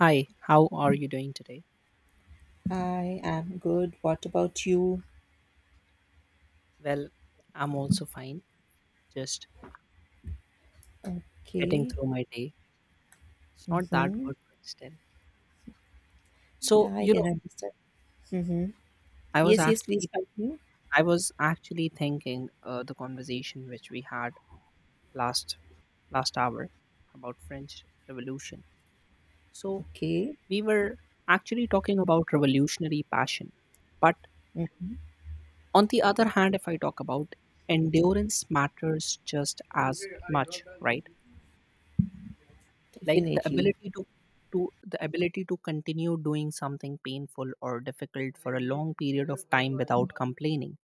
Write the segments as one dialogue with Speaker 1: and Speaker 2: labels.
Speaker 1: Hi, how are you doing today?
Speaker 2: I'm good. What about you?
Speaker 1: Well, I'm also fine, just getting
Speaker 2: Okay.
Speaker 1: through my day. It's not that
Speaker 2: Mm-hmm.
Speaker 1: good, but still. So,
Speaker 2: Yeah, I
Speaker 1: you
Speaker 2: can
Speaker 1: know,
Speaker 2: understand. Mm-hmm.
Speaker 1: I was
Speaker 2: Yes, yes, please
Speaker 1: actually
Speaker 2: continue.
Speaker 1: I was actually thinking the conversation which we had last last hour about French Revolution. So,
Speaker 2: Okay.
Speaker 1: we were actually talking about revolutionary passion. But
Speaker 2: Mm.
Speaker 1: on the other hand, if I talk about endurance matters just as much, right? Like the
Speaker 2: Definitely.
Speaker 1: ability to continue doing something painful or difficult for a long period of time without complaining,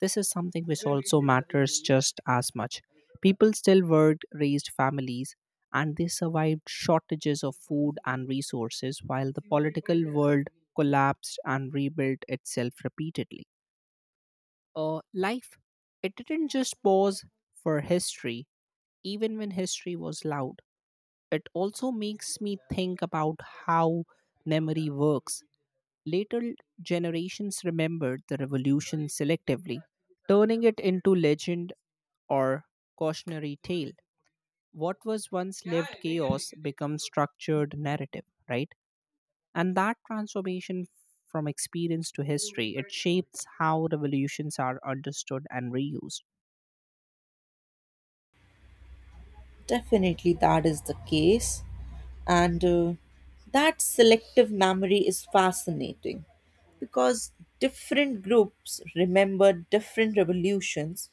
Speaker 1: this is something which also matters just as much. People still word raised families, and they survived shortages of food and resources while the political world collapsed and rebuilt itself repeatedly. uh, Life, it didn't just pause for history even when history was loud. It also makes me think about how memory works. Later generations remembered the revolution selectively, turning it into legend or cautionary tale. What was once lived chaos becomes structured narrative, right? And that transformation from experience to history, it shapes how revolutions are understood and reused.
Speaker 2: Definitely, that is the case. And that selective memory is fascinating because different groups remember different revolutions.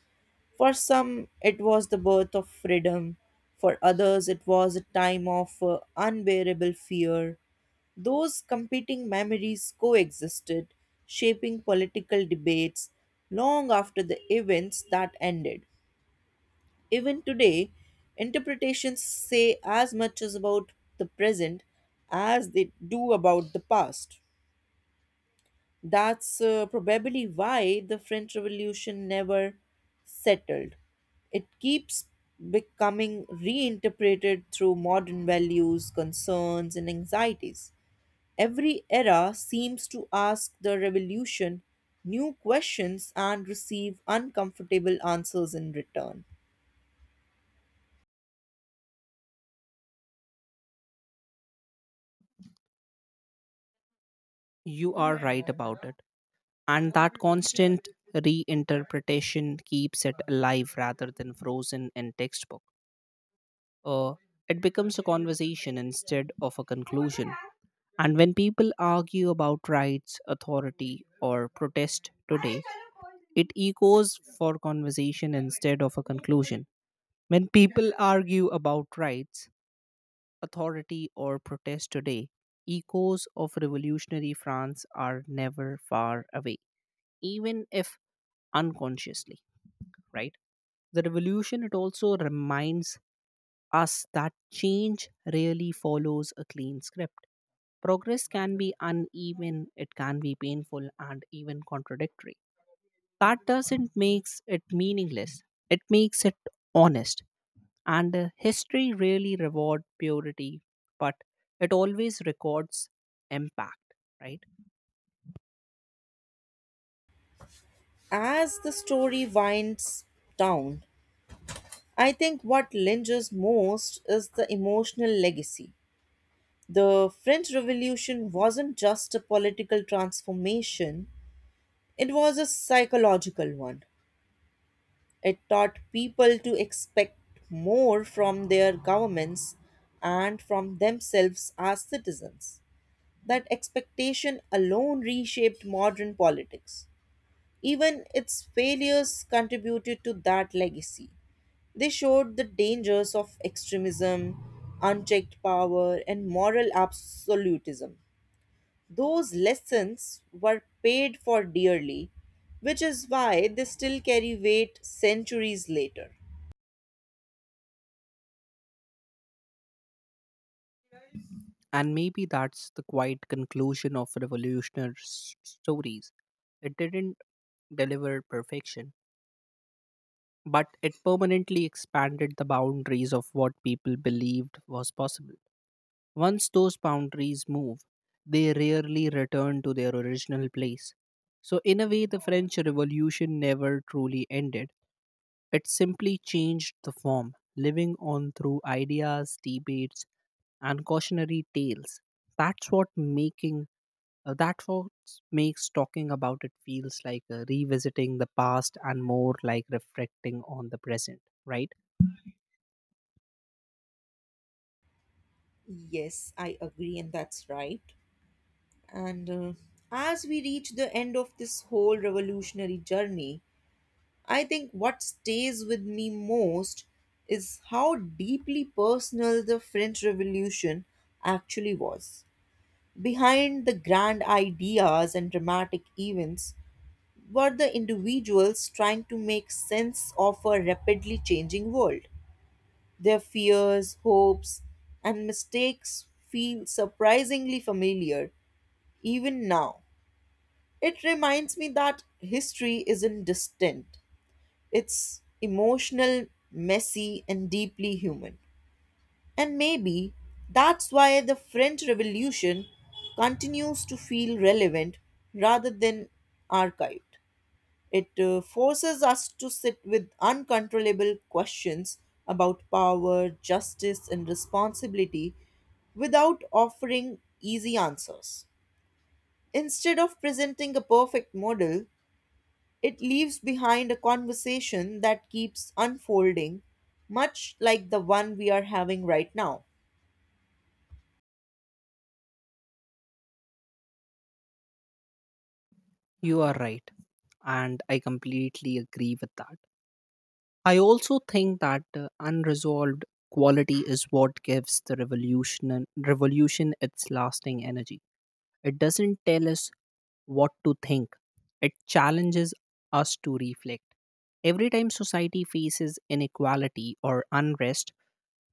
Speaker 2: For some, it was the birth of freedom. For others, it was a time of unbearable fear. Those competing memories coexisted, shaping political debates long after the events that ended. Even today, interpretations say as much as about the present as they do about the past. That's probably why the French Revolution never settled. It keeps becoming reinterpreted through modern values, concerns, and anxieties. Every era seems to ask the revolution new questions and receive uncomfortable answers in return.
Speaker 1: You are right about it. And that constant reinterpretation keeps it alive rather than frozen in textbook. Uh, it becomes a conversation instead of a conclusion. And when people argue about rights, authority, or protest today, it echoes for conversation instead of a conclusion. When people argue about rights, authority, or protest today, echoes of revolutionary France are never far away, even if unconsciously, right? The revolution, it also reminds us that change really follows a clean script. Progress can be uneven, it can be painful, and even contradictory. That doesn't makes it meaningless. It makes it honest. And history really reward purity, but it always records impact, right?
Speaker 2: As the story winds down, I think what lingers most is the emotional legacy. The French Revolution wasn't just a political transformation, it was a psychological one. It taught people to expect more from their governments and from themselves as citizens. That expectation alone reshaped modern politics. Even its failures contributed to that legacy. They showed the dangers of extremism, unchecked power, and moral absolutism. Those lessons were paid for dearly, which is why they still carry weight centuries later.
Speaker 1: And maybe that's the quiet conclusion of revolutionary stories. It didn't deliver perfection, but it permanently expanded the boundaries of what people believed was possible. Once those boundaries move, they rarely return to their original place. So, in a way, the French Revolution never truly ended. It simply changed the form, living on through ideas, debates, and cautionary tales. That's what making that what makes talking about it feels like revisiting the past and more like reflecting on the present, right?
Speaker 2: Yes, I agree, and that's right. And as we reach the end of this whole revolutionary journey, I think what stays with me most is how deeply personal the French Revolution actually was. Behind the grand ideas and dramatic events were the individuals trying to make sense of a rapidly changing world. Their fears, hopes, and mistakes feel surprisingly familiar even now. It reminds me that history isn't distant, it's emotional, messy, and deeply human. And maybe that's why the French Revolution continues to feel relevant rather than archived. It forces us to sit with uncontrollable questions about power, justice, and responsibility without offering easy answers. Instead of presenting a perfect model, it leaves behind a conversation that keeps unfolding, much like the one we are having right now.
Speaker 1: You are right. And I completely agree with that. I also think that unresolved quality is what gives the revolution its lasting energy. It doesn't tell us what to think. It challenges us to reflect. Every time society faces inequality or unrest,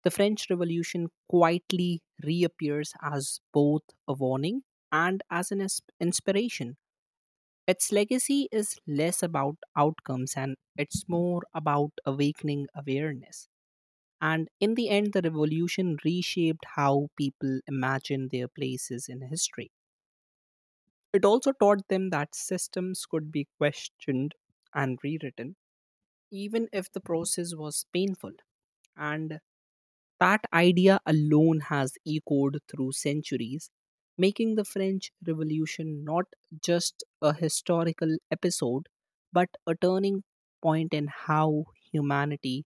Speaker 1: the French Revolution quietly reappears as both a warning and as an inspiration. Its legacy is less about outcomes and it's more about awakening awareness. And in the end, the revolution reshaped how people imagine their places in history. It also taught them that systems could be questioned and rewritten, even if the process was painful. And that idea alone has echoed through centuries, making the French Revolution not just a historical episode, but a turning point in how humanity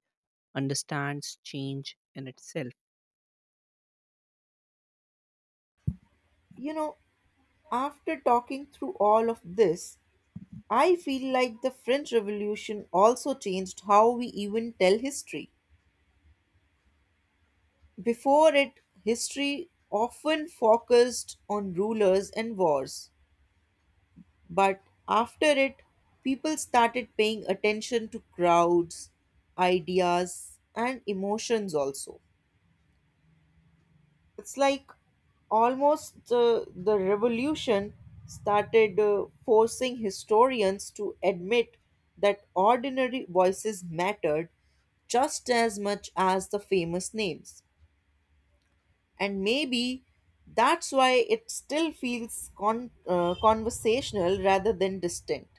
Speaker 1: understands change in itself.
Speaker 2: You know, after talking through all of this, I feel like the French Revolution also changed how we even tell history. Before it, history often focused on rulers and wars, but after it, people started paying attention to crowds, ideas, and emotions also. It's like almost the revolution started forcing historians to admit that ordinary voices mattered just as much as the famous names. And maybe that's why it still feels conversational rather than distant.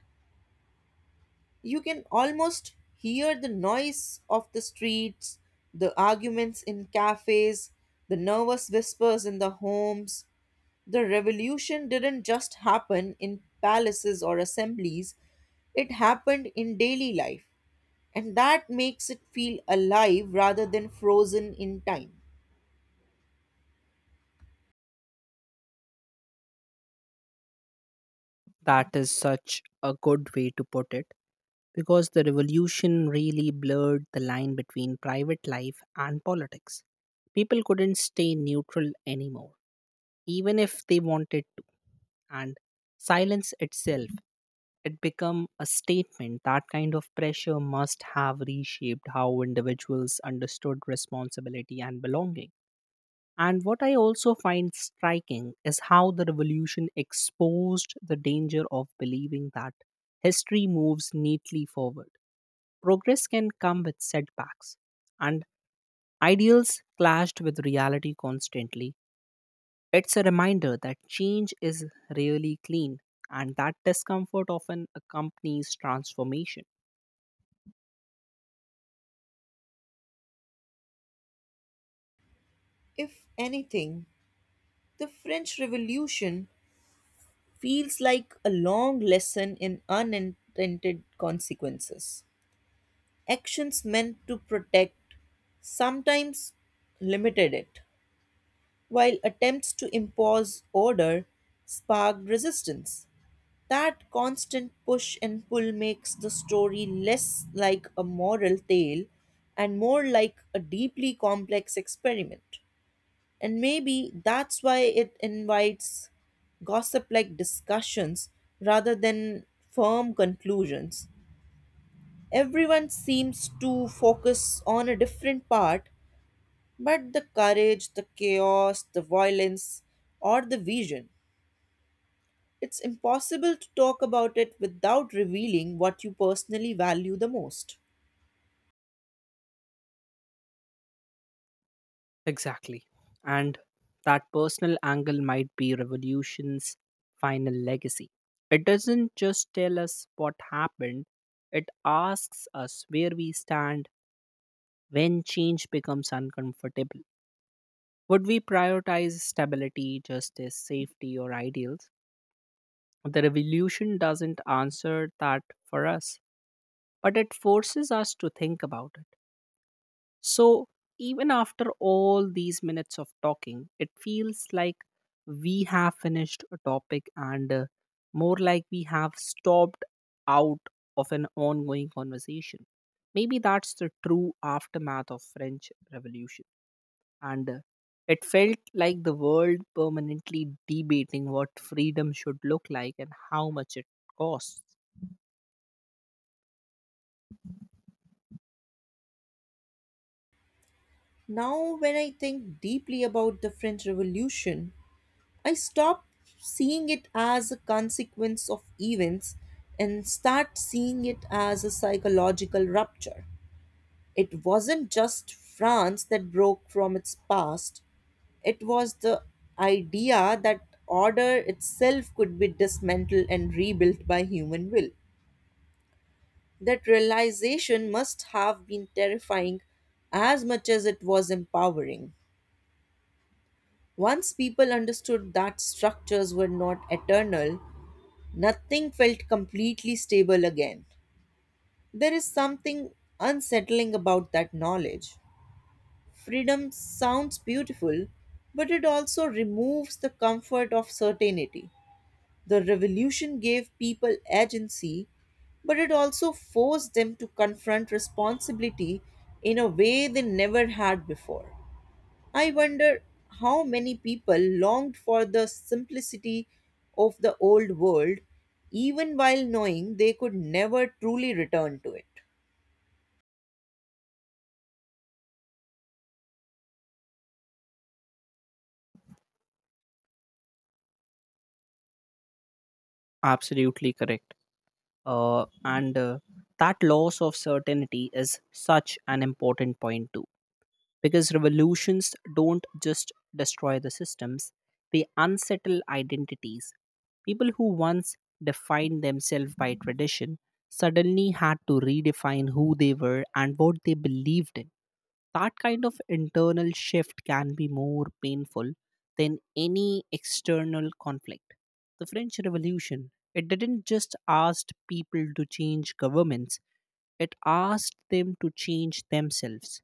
Speaker 2: You can almost hear the noise of the streets, the arguments in cafes, the nervous whispers in the homes. The revolution didn't just happen in palaces or assemblies, it happened in daily life, and that makes it feel alive rather than frozen in time.
Speaker 1: That is such a good way to put it because the revolution really blurred the line between private life and politics. People couldn't stay neutral anymore, even if they wanted to. And silence itself, it become a statement. That kind of pressure must have reshaped how individuals understood responsibility and belonging. And what I also find striking is how the revolution exposed the danger of believing that history moves neatly forward. Progress can come with setbacks, and ideals clashed with reality constantly. It's a reminder that change is really clean and that discomfort often accompanies transformation.
Speaker 2: If anything, the French Revolution feels like a long lesson in unintended consequences. Actions meant to protect sometimes limited it, while attempts to impose order sparked resistance. That constant push and pull makes the story less like a moral tale and more like a deeply complex experiment. And maybe that's why it invites gossip like discussions rather than firm conclusions. Everyone seems to focus on a different part, but the courage, the chaos, the violence, or the vision. It's impossible to talk about it without revealing what you personally value the most.
Speaker 1: Exactly. And that personal angle might be revolution's final legacy. It doesn't just tell us what happened, it asks us where we stand when change becomes uncomfortable. Would we prioritize stability, justice, safety, or ideals? The revolution doesn't answer that for us, but it forces us to think about it. So, even after all these minutes of talking, it feels like we have finished a topic and more like we have stopped out of an ongoing conversation. Maybe that's the true aftermath of French Revolution. And it felt like the world permanently debating what freedom should look like and how much it costs.
Speaker 2: Now, when I think deeply about the French Revolution, I stop seeing it as a consequence of events and start seeing it as a psychological rupture. It wasn't just France that broke from its past, it was the idea that order itself could be dismantled and rebuilt by human will. That realization must have been terrifying as much as it was empowering. Once people understood that structures were not eternal, nothing felt completely stable again. There is something unsettling about that knowledge. Freedom sounds beautiful, but it also removes the comfort of certainty. The revolution gave people agency, but it also forced them to confront responsibility in a way they never had before. I wonder how many people longed for the simplicity of the old world, even while knowing they could never truly return to it.
Speaker 1: Absolutely correct. And that loss of certainty is such an important point, too, because revolutions don't just destroy the systems, they unsettle identities. People who once defined themselves by tradition suddenly had to redefine who they were and what they believed in. That kind of internal shift can be more painful than any external conflict. The French Revolution, it didn't just ask people to change governments, it asked them to change themselves.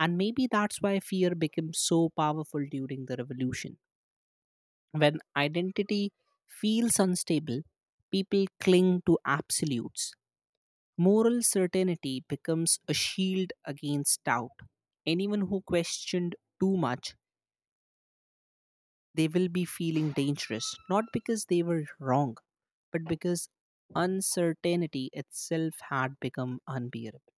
Speaker 1: And maybe that's why fear became so powerful during the revolution. When identity feels unstable, people cling to absolutes. Moral certainty becomes a shield against doubt. Anyone who questioned too much, they will be feeling dangerous, not because they were wrong, but because uncertainty itself had become unbearable.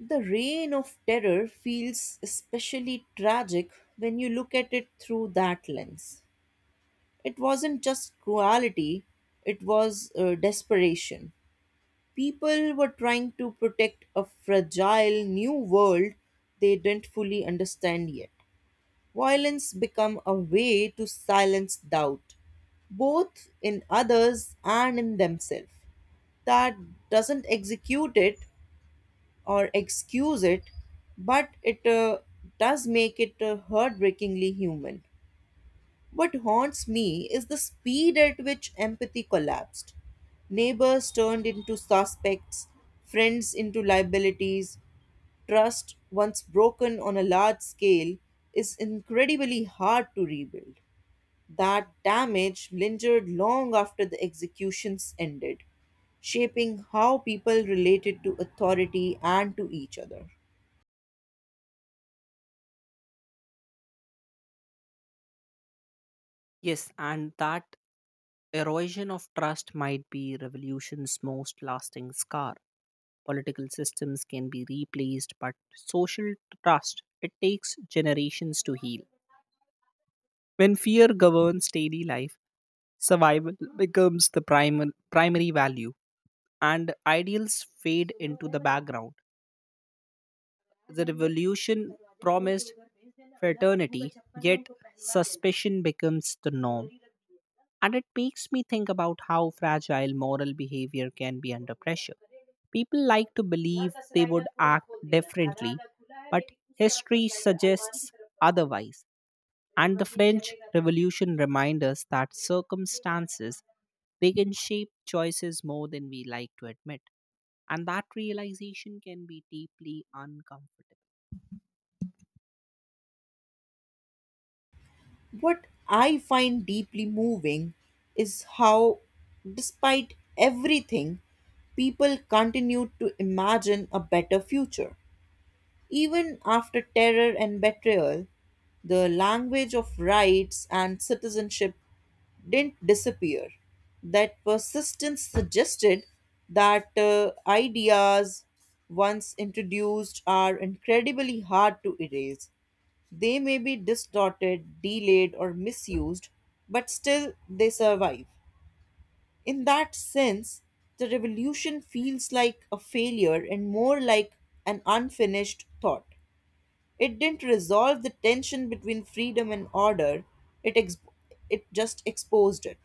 Speaker 2: The reign of terror feels especially tragic when you look at it through that lens. It wasn't just cruelty, it was desperation. People were trying to protect a fragile new world they didn't fully understand yet. Violence became a way to silence doubt, both in others and in themselves. That doesn't execute it or excuse it, but it does make it heartbreakingly human. What haunts me is the speed at which empathy collapsed. Neighbors turned into suspects, friends into liabilities. Trust, once broken on a large scale, is incredibly hard to rebuild. That damage lingered long after the executions ended, shaping how people related to authority and to each other.
Speaker 1: Yes, and that erosion of trust might be revolution's most lasting scar. Political systems can be replaced, but social trust, it takes generations to heal. When fear governs daily life, survival becomes the primary value, and ideals fade into the background. The revolution promised fraternity, yet suspicion becomes the norm. And it makes me think about how fragile moral behavior can be under pressure. People like to believe they would act differently, but history suggests otherwise. And the French Revolution reminds us that circumstances, they can shape choices more than we like to admit. And that realization can be deeply uncomfortable.
Speaker 2: What I find deeply moving is how, despite everything, people continue to imagine a better future. Even after terror and betrayal, the language of rights and citizenship didn't disappear. That persistence suggested that ideas once introduced are incredibly hard to erase. They may be distorted, delayed, or misused, but still they survive. In that sense, the revolution feels like a failure and more like an unfinished thought. It didn't resolve the tension between freedom and order, it, ex- it just exposed it.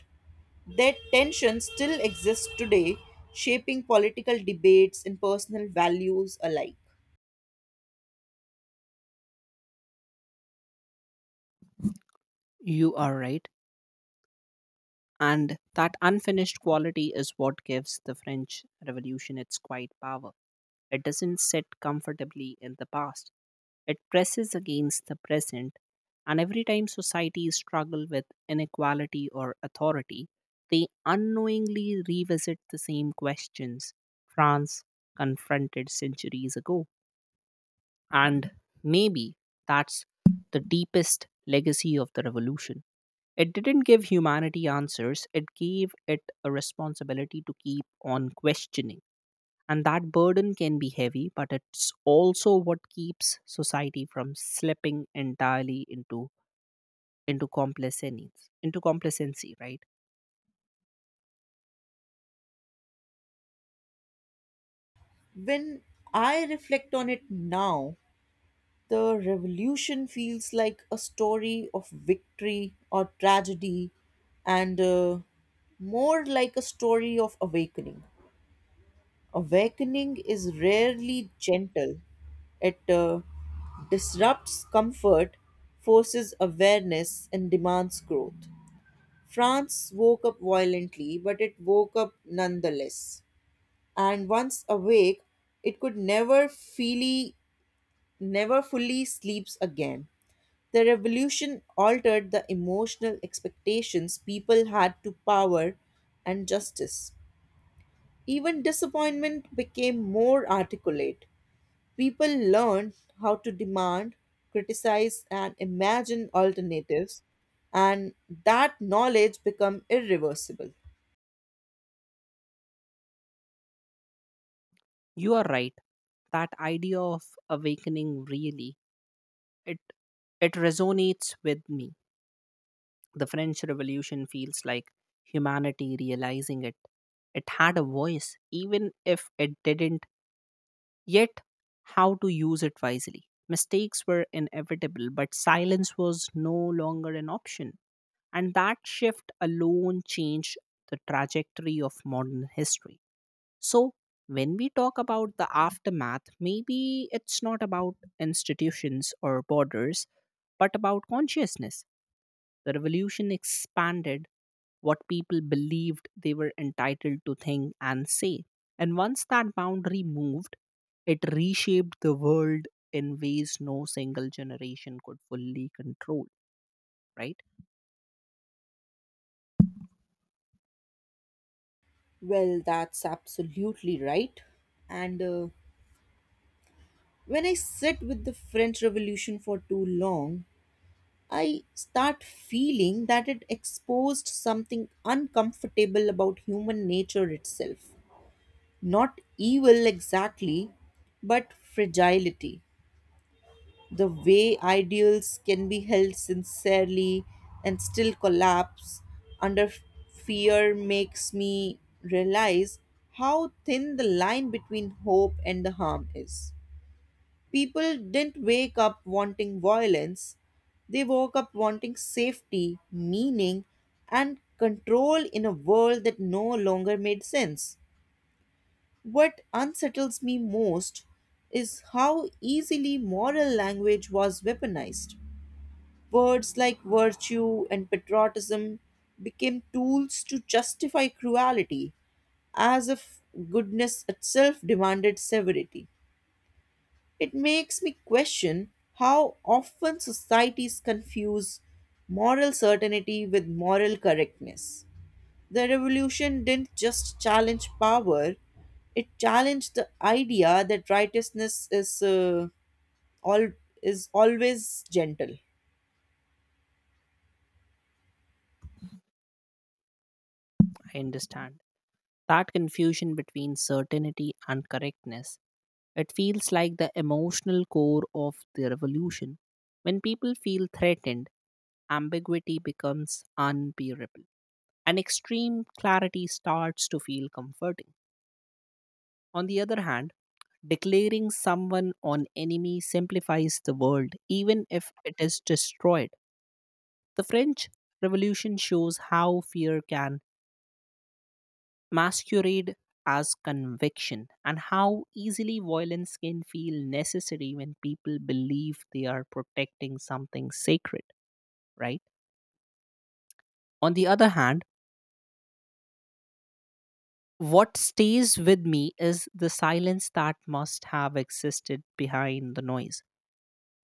Speaker 2: That tension still exists today, shaping political debates and personal values alike.
Speaker 1: You are right. And that unfinished quality is what gives the French Revolution its quiet power. It doesn't sit comfortably in the past. It presses against the present. And every time societies struggle with inequality or authority, they unknowingly revisit the same questions France confronted centuries ago. And maybe that's the deepest legacy of the revolution. It didn't give humanity answers, it gave it a responsibility to keep on questioning. And that burden can be heavy, but it's also what keeps society from slipping entirely into complacency, into complacency, right?
Speaker 2: When I reflect on it now, the revolution feels like a story of victory or tragedy and more like a story of awakening. Awakening is rarely gentle. It disrupts comfort, forces awareness, and demands growth. France woke up violently, but it woke up nonetheless. And once awake, it could never fully sleeps again. The revolution altered the emotional expectations people had to power and justice. Even disappointment became more articulate. People learned how to demand, criticize, and imagine alternatives, and that knowledge become irreversible.
Speaker 1: You are right. That idea of awakening really, it it resonates with me. The French Revolution feels like humanity realizing it. It had a voice, even if it didn't yet how to use it wisely. Mistakes were inevitable, but silence was no longer an option. And that shift alone changed the trajectory of modern history. So, when we talk about the aftermath, maybe it's not about institutions or borders, but about consciousness. The revolution expanded what people believed they were entitled to think and say. And once that boundary moved, it reshaped the world in ways no single generation could fully control, right?
Speaker 2: Well, that's absolutely right. And when I sit with the French Revolution for too long, I start feeling that it exposed something uncomfortable about human nature itself. Not evil exactly, but fragility. The way ideals can be held sincerely and still collapse under fear makes me realize how thin the line between hope and the harm is. People didn't wake up wanting violence, they woke up wanting safety, meaning, and control in a world that no longer made sense. What unsettles me most is how easily moral language was weaponized. Words like virtue and patriotism became tools to justify cruelty, as if goodness itself demanded severity. It makes me question how often societies confuse moral certainty with moral correctness. The revolution didn't just challenge power, it challenged the idea that righteousness all is always gentle.
Speaker 1: I understand. That confusion between certainty and correctness, it feels like the emotional core of the revolution. When people feel threatened, ambiguity becomes unbearable, and extreme clarity starts to feel comforting. On the other hand, declaring someone an enemy simplifies the world, even if it is destroyed. The French Revolution shows how fear can masquerade as conviction and how easily violence can feel necessary when people believe they are protecting something sacred, right? On the other hand, what stays with me is the silence that must have existed behind the noise.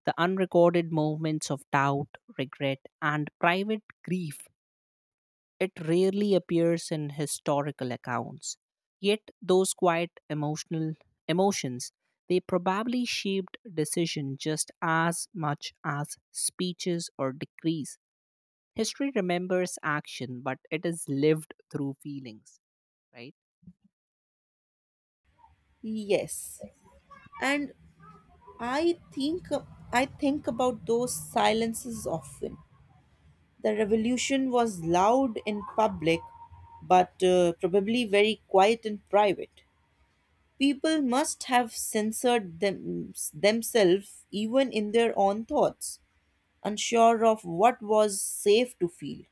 Speaker 1: The unrecorded moments of doubt, regret, and private grief, it rarely appears in historical accounts. Yet those quiet emotional emotions, they probably shaped decision just as much as speeches or decrees. History remembers action, but it is lived through feelings, right?
Speaker 2: Yes, and I think I think about those silences often. The revolution was loud in public, but probably very quiet in private. People must have censored themselves even in their own thoughts, unsure of what was safe to feel.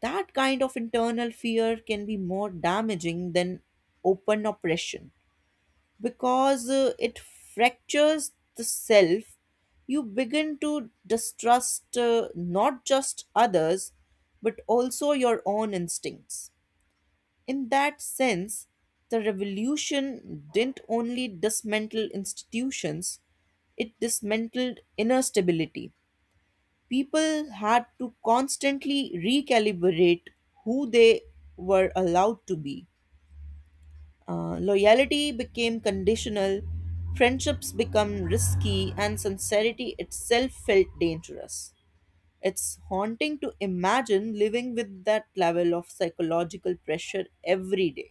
Speaker 2: That kind of internal fear can be more damaging than open oppression because it fractures the self. You begin to distrust not just others, but also your own instincts. In that sense, the revolution didn't only dismantle institutions, it dismantled inner stability. People had to constantly recalibrate who they were allowed to be. Loyalty became conditional, friendships become risky, and sincerity itself felt dangerous. It's haunting to imagine living with that level of psychological pressure every day.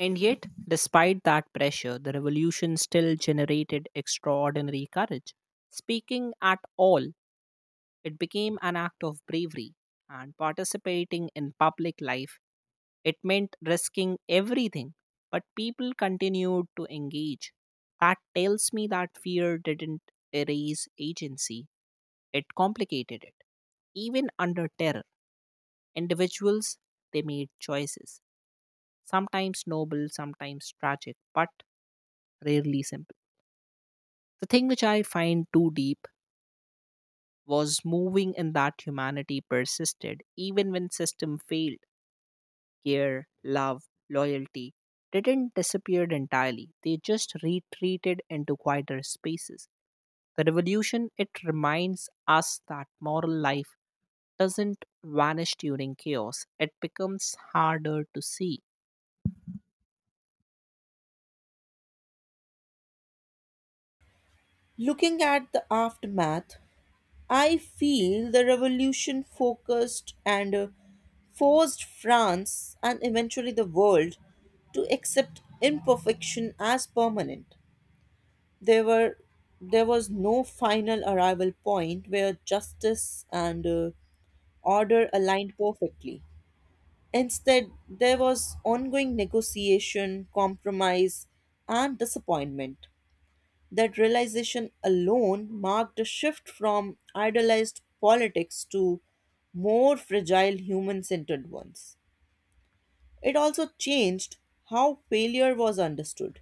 Speaker 1: And yet, despite that pressure, the revolution still generated extraordinary courage. Speaking at all, it became an act of bravery, and participating in public life, it meant risking everything, but people continued to engage. That tells me that fear didn't erase agency, it complicated it. Even under terror, individuals, they made choices, sometimes noble, sometimes tragic, but rarely simple. The thing which I find too deep was moving in that humanity persisted even when system failed. Care, love, loyalty didn't disappear entirely. They just retreated into quieter spaces. The revolution, it reminds us that moral life doesn't vanish during chaos. It becomes harder to see.
Speaker 2: Looking at the aftermath, I feel the revolution focused and forced France and eventually the world to accept imperfection as permanent. there were there was no final arrival point where justice and order aligned perfectly. Instead, there was ongoing negotiation, compromise, and disappointment. That realization alone marked a shift from idealized politics to more fragile human centered ones. It also changed how failure was understood.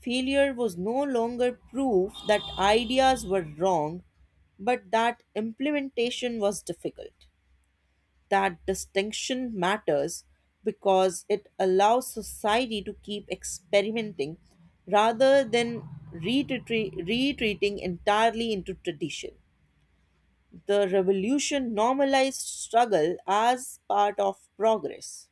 Speaker 2: Failure was no longer proof that ideas were wrong, but that implementation was difficult. That distinction matters because it allows society to keep experimenting rather than retreating entirely into tradition. The revolution normalized struggle as part of progress.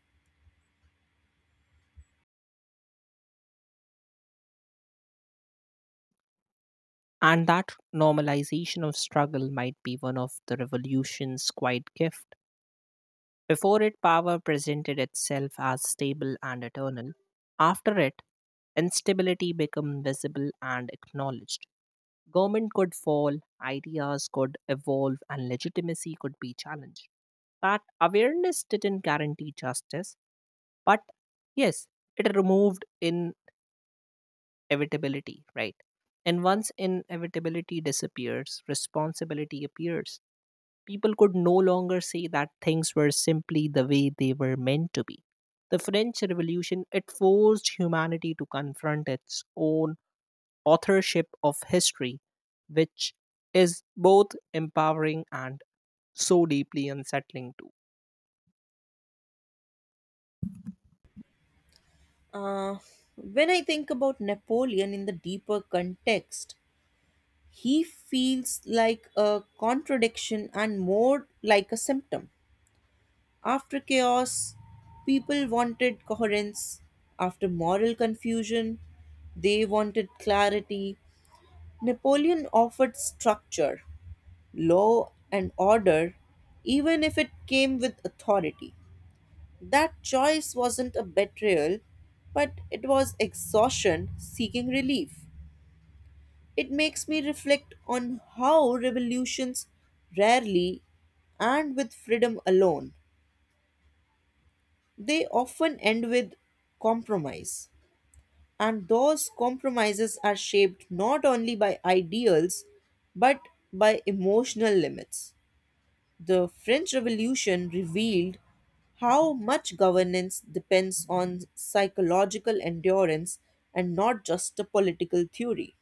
Speaker 1: And that normalization of struggle might be one of the revolution's quiet gift. Before it, power presented itself as stable and eternal. After it, instability became visible and acknowledged. Government could fall, ideas could evolve, and legitimacy could be challenged. That awareness didn't guarantee justice, but yes, it removed inevitability, right? And once inevitability disappears, responsibility appears. People could no longer say that things were simply the way they were meant to be. The French Revolution, it forced humanity to confront its own authorship of history, which is both empowering and so deeply unsettling too.
Speaker 2: Uh, when I think about Napoleon in the deeper context, he feels like a contradiction and more like a symptom. After chaos, people wanted coherence. After moral confusion, they wanted clarity. Napoleon offered structure, law, and order, even if it came with authority. That choice wasn't a betrayal, but it was exhaustion seeking relief. It makes me reflect on how revolutions rarely and with freedom alone. They often end with compromise. And those compromises are shaped not only by ideals but by emotional limits. The French Revolution revealed how much governance depends on psychological endurance and not just a political theory.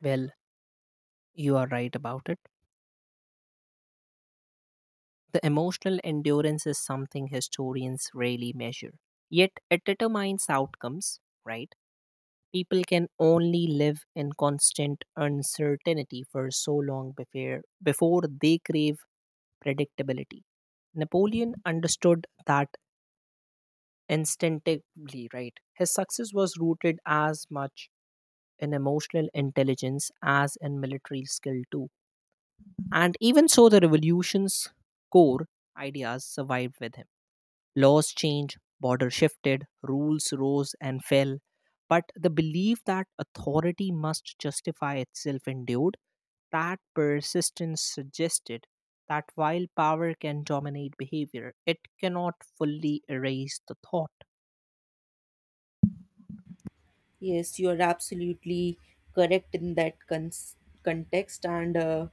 Speaker 1: Well, you are right about it. The emotional endurance is something historians rarely measure. Yet it determines outcomes, right? People can only live in constant uncertainty for so long before they crave predictability. Napoleon understood that instinctively, right? His success was rooted as much in emotional intelligence as in military skill too. And even so, the revolution's core ideas survived with him. Laws changed, borders shifted, rules rose and fell, but the belief that authority must justify itself endured. That persistence suggested that while power can dominate behavior, it cannot fully erase the thought.
Speaker 2: Yes, you are absolutely correct in that context, and uh,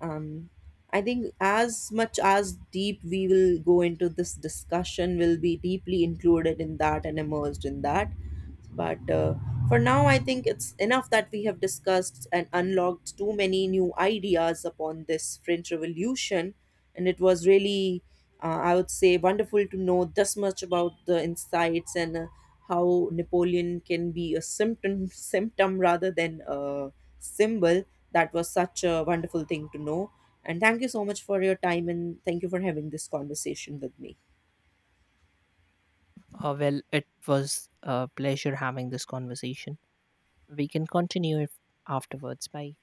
Speaker 2: um, I think as much as deep we will go into this discussion, will be deeply included in that and immersed in that. But for now, I think it's enough that we have discussed and unlocked too many new ideas upon this French Revolution, and it was really I would say wonderful to know this much about the insights and how Napoleon can be a symptom symptom rather than a symbol. That was such a wonderful thing to know. And thank you so much for your time and thank you for having this conversation with me.
Speaker 1: Well, it was a pleasure having this conversation. We can continue if afterwards. Bye.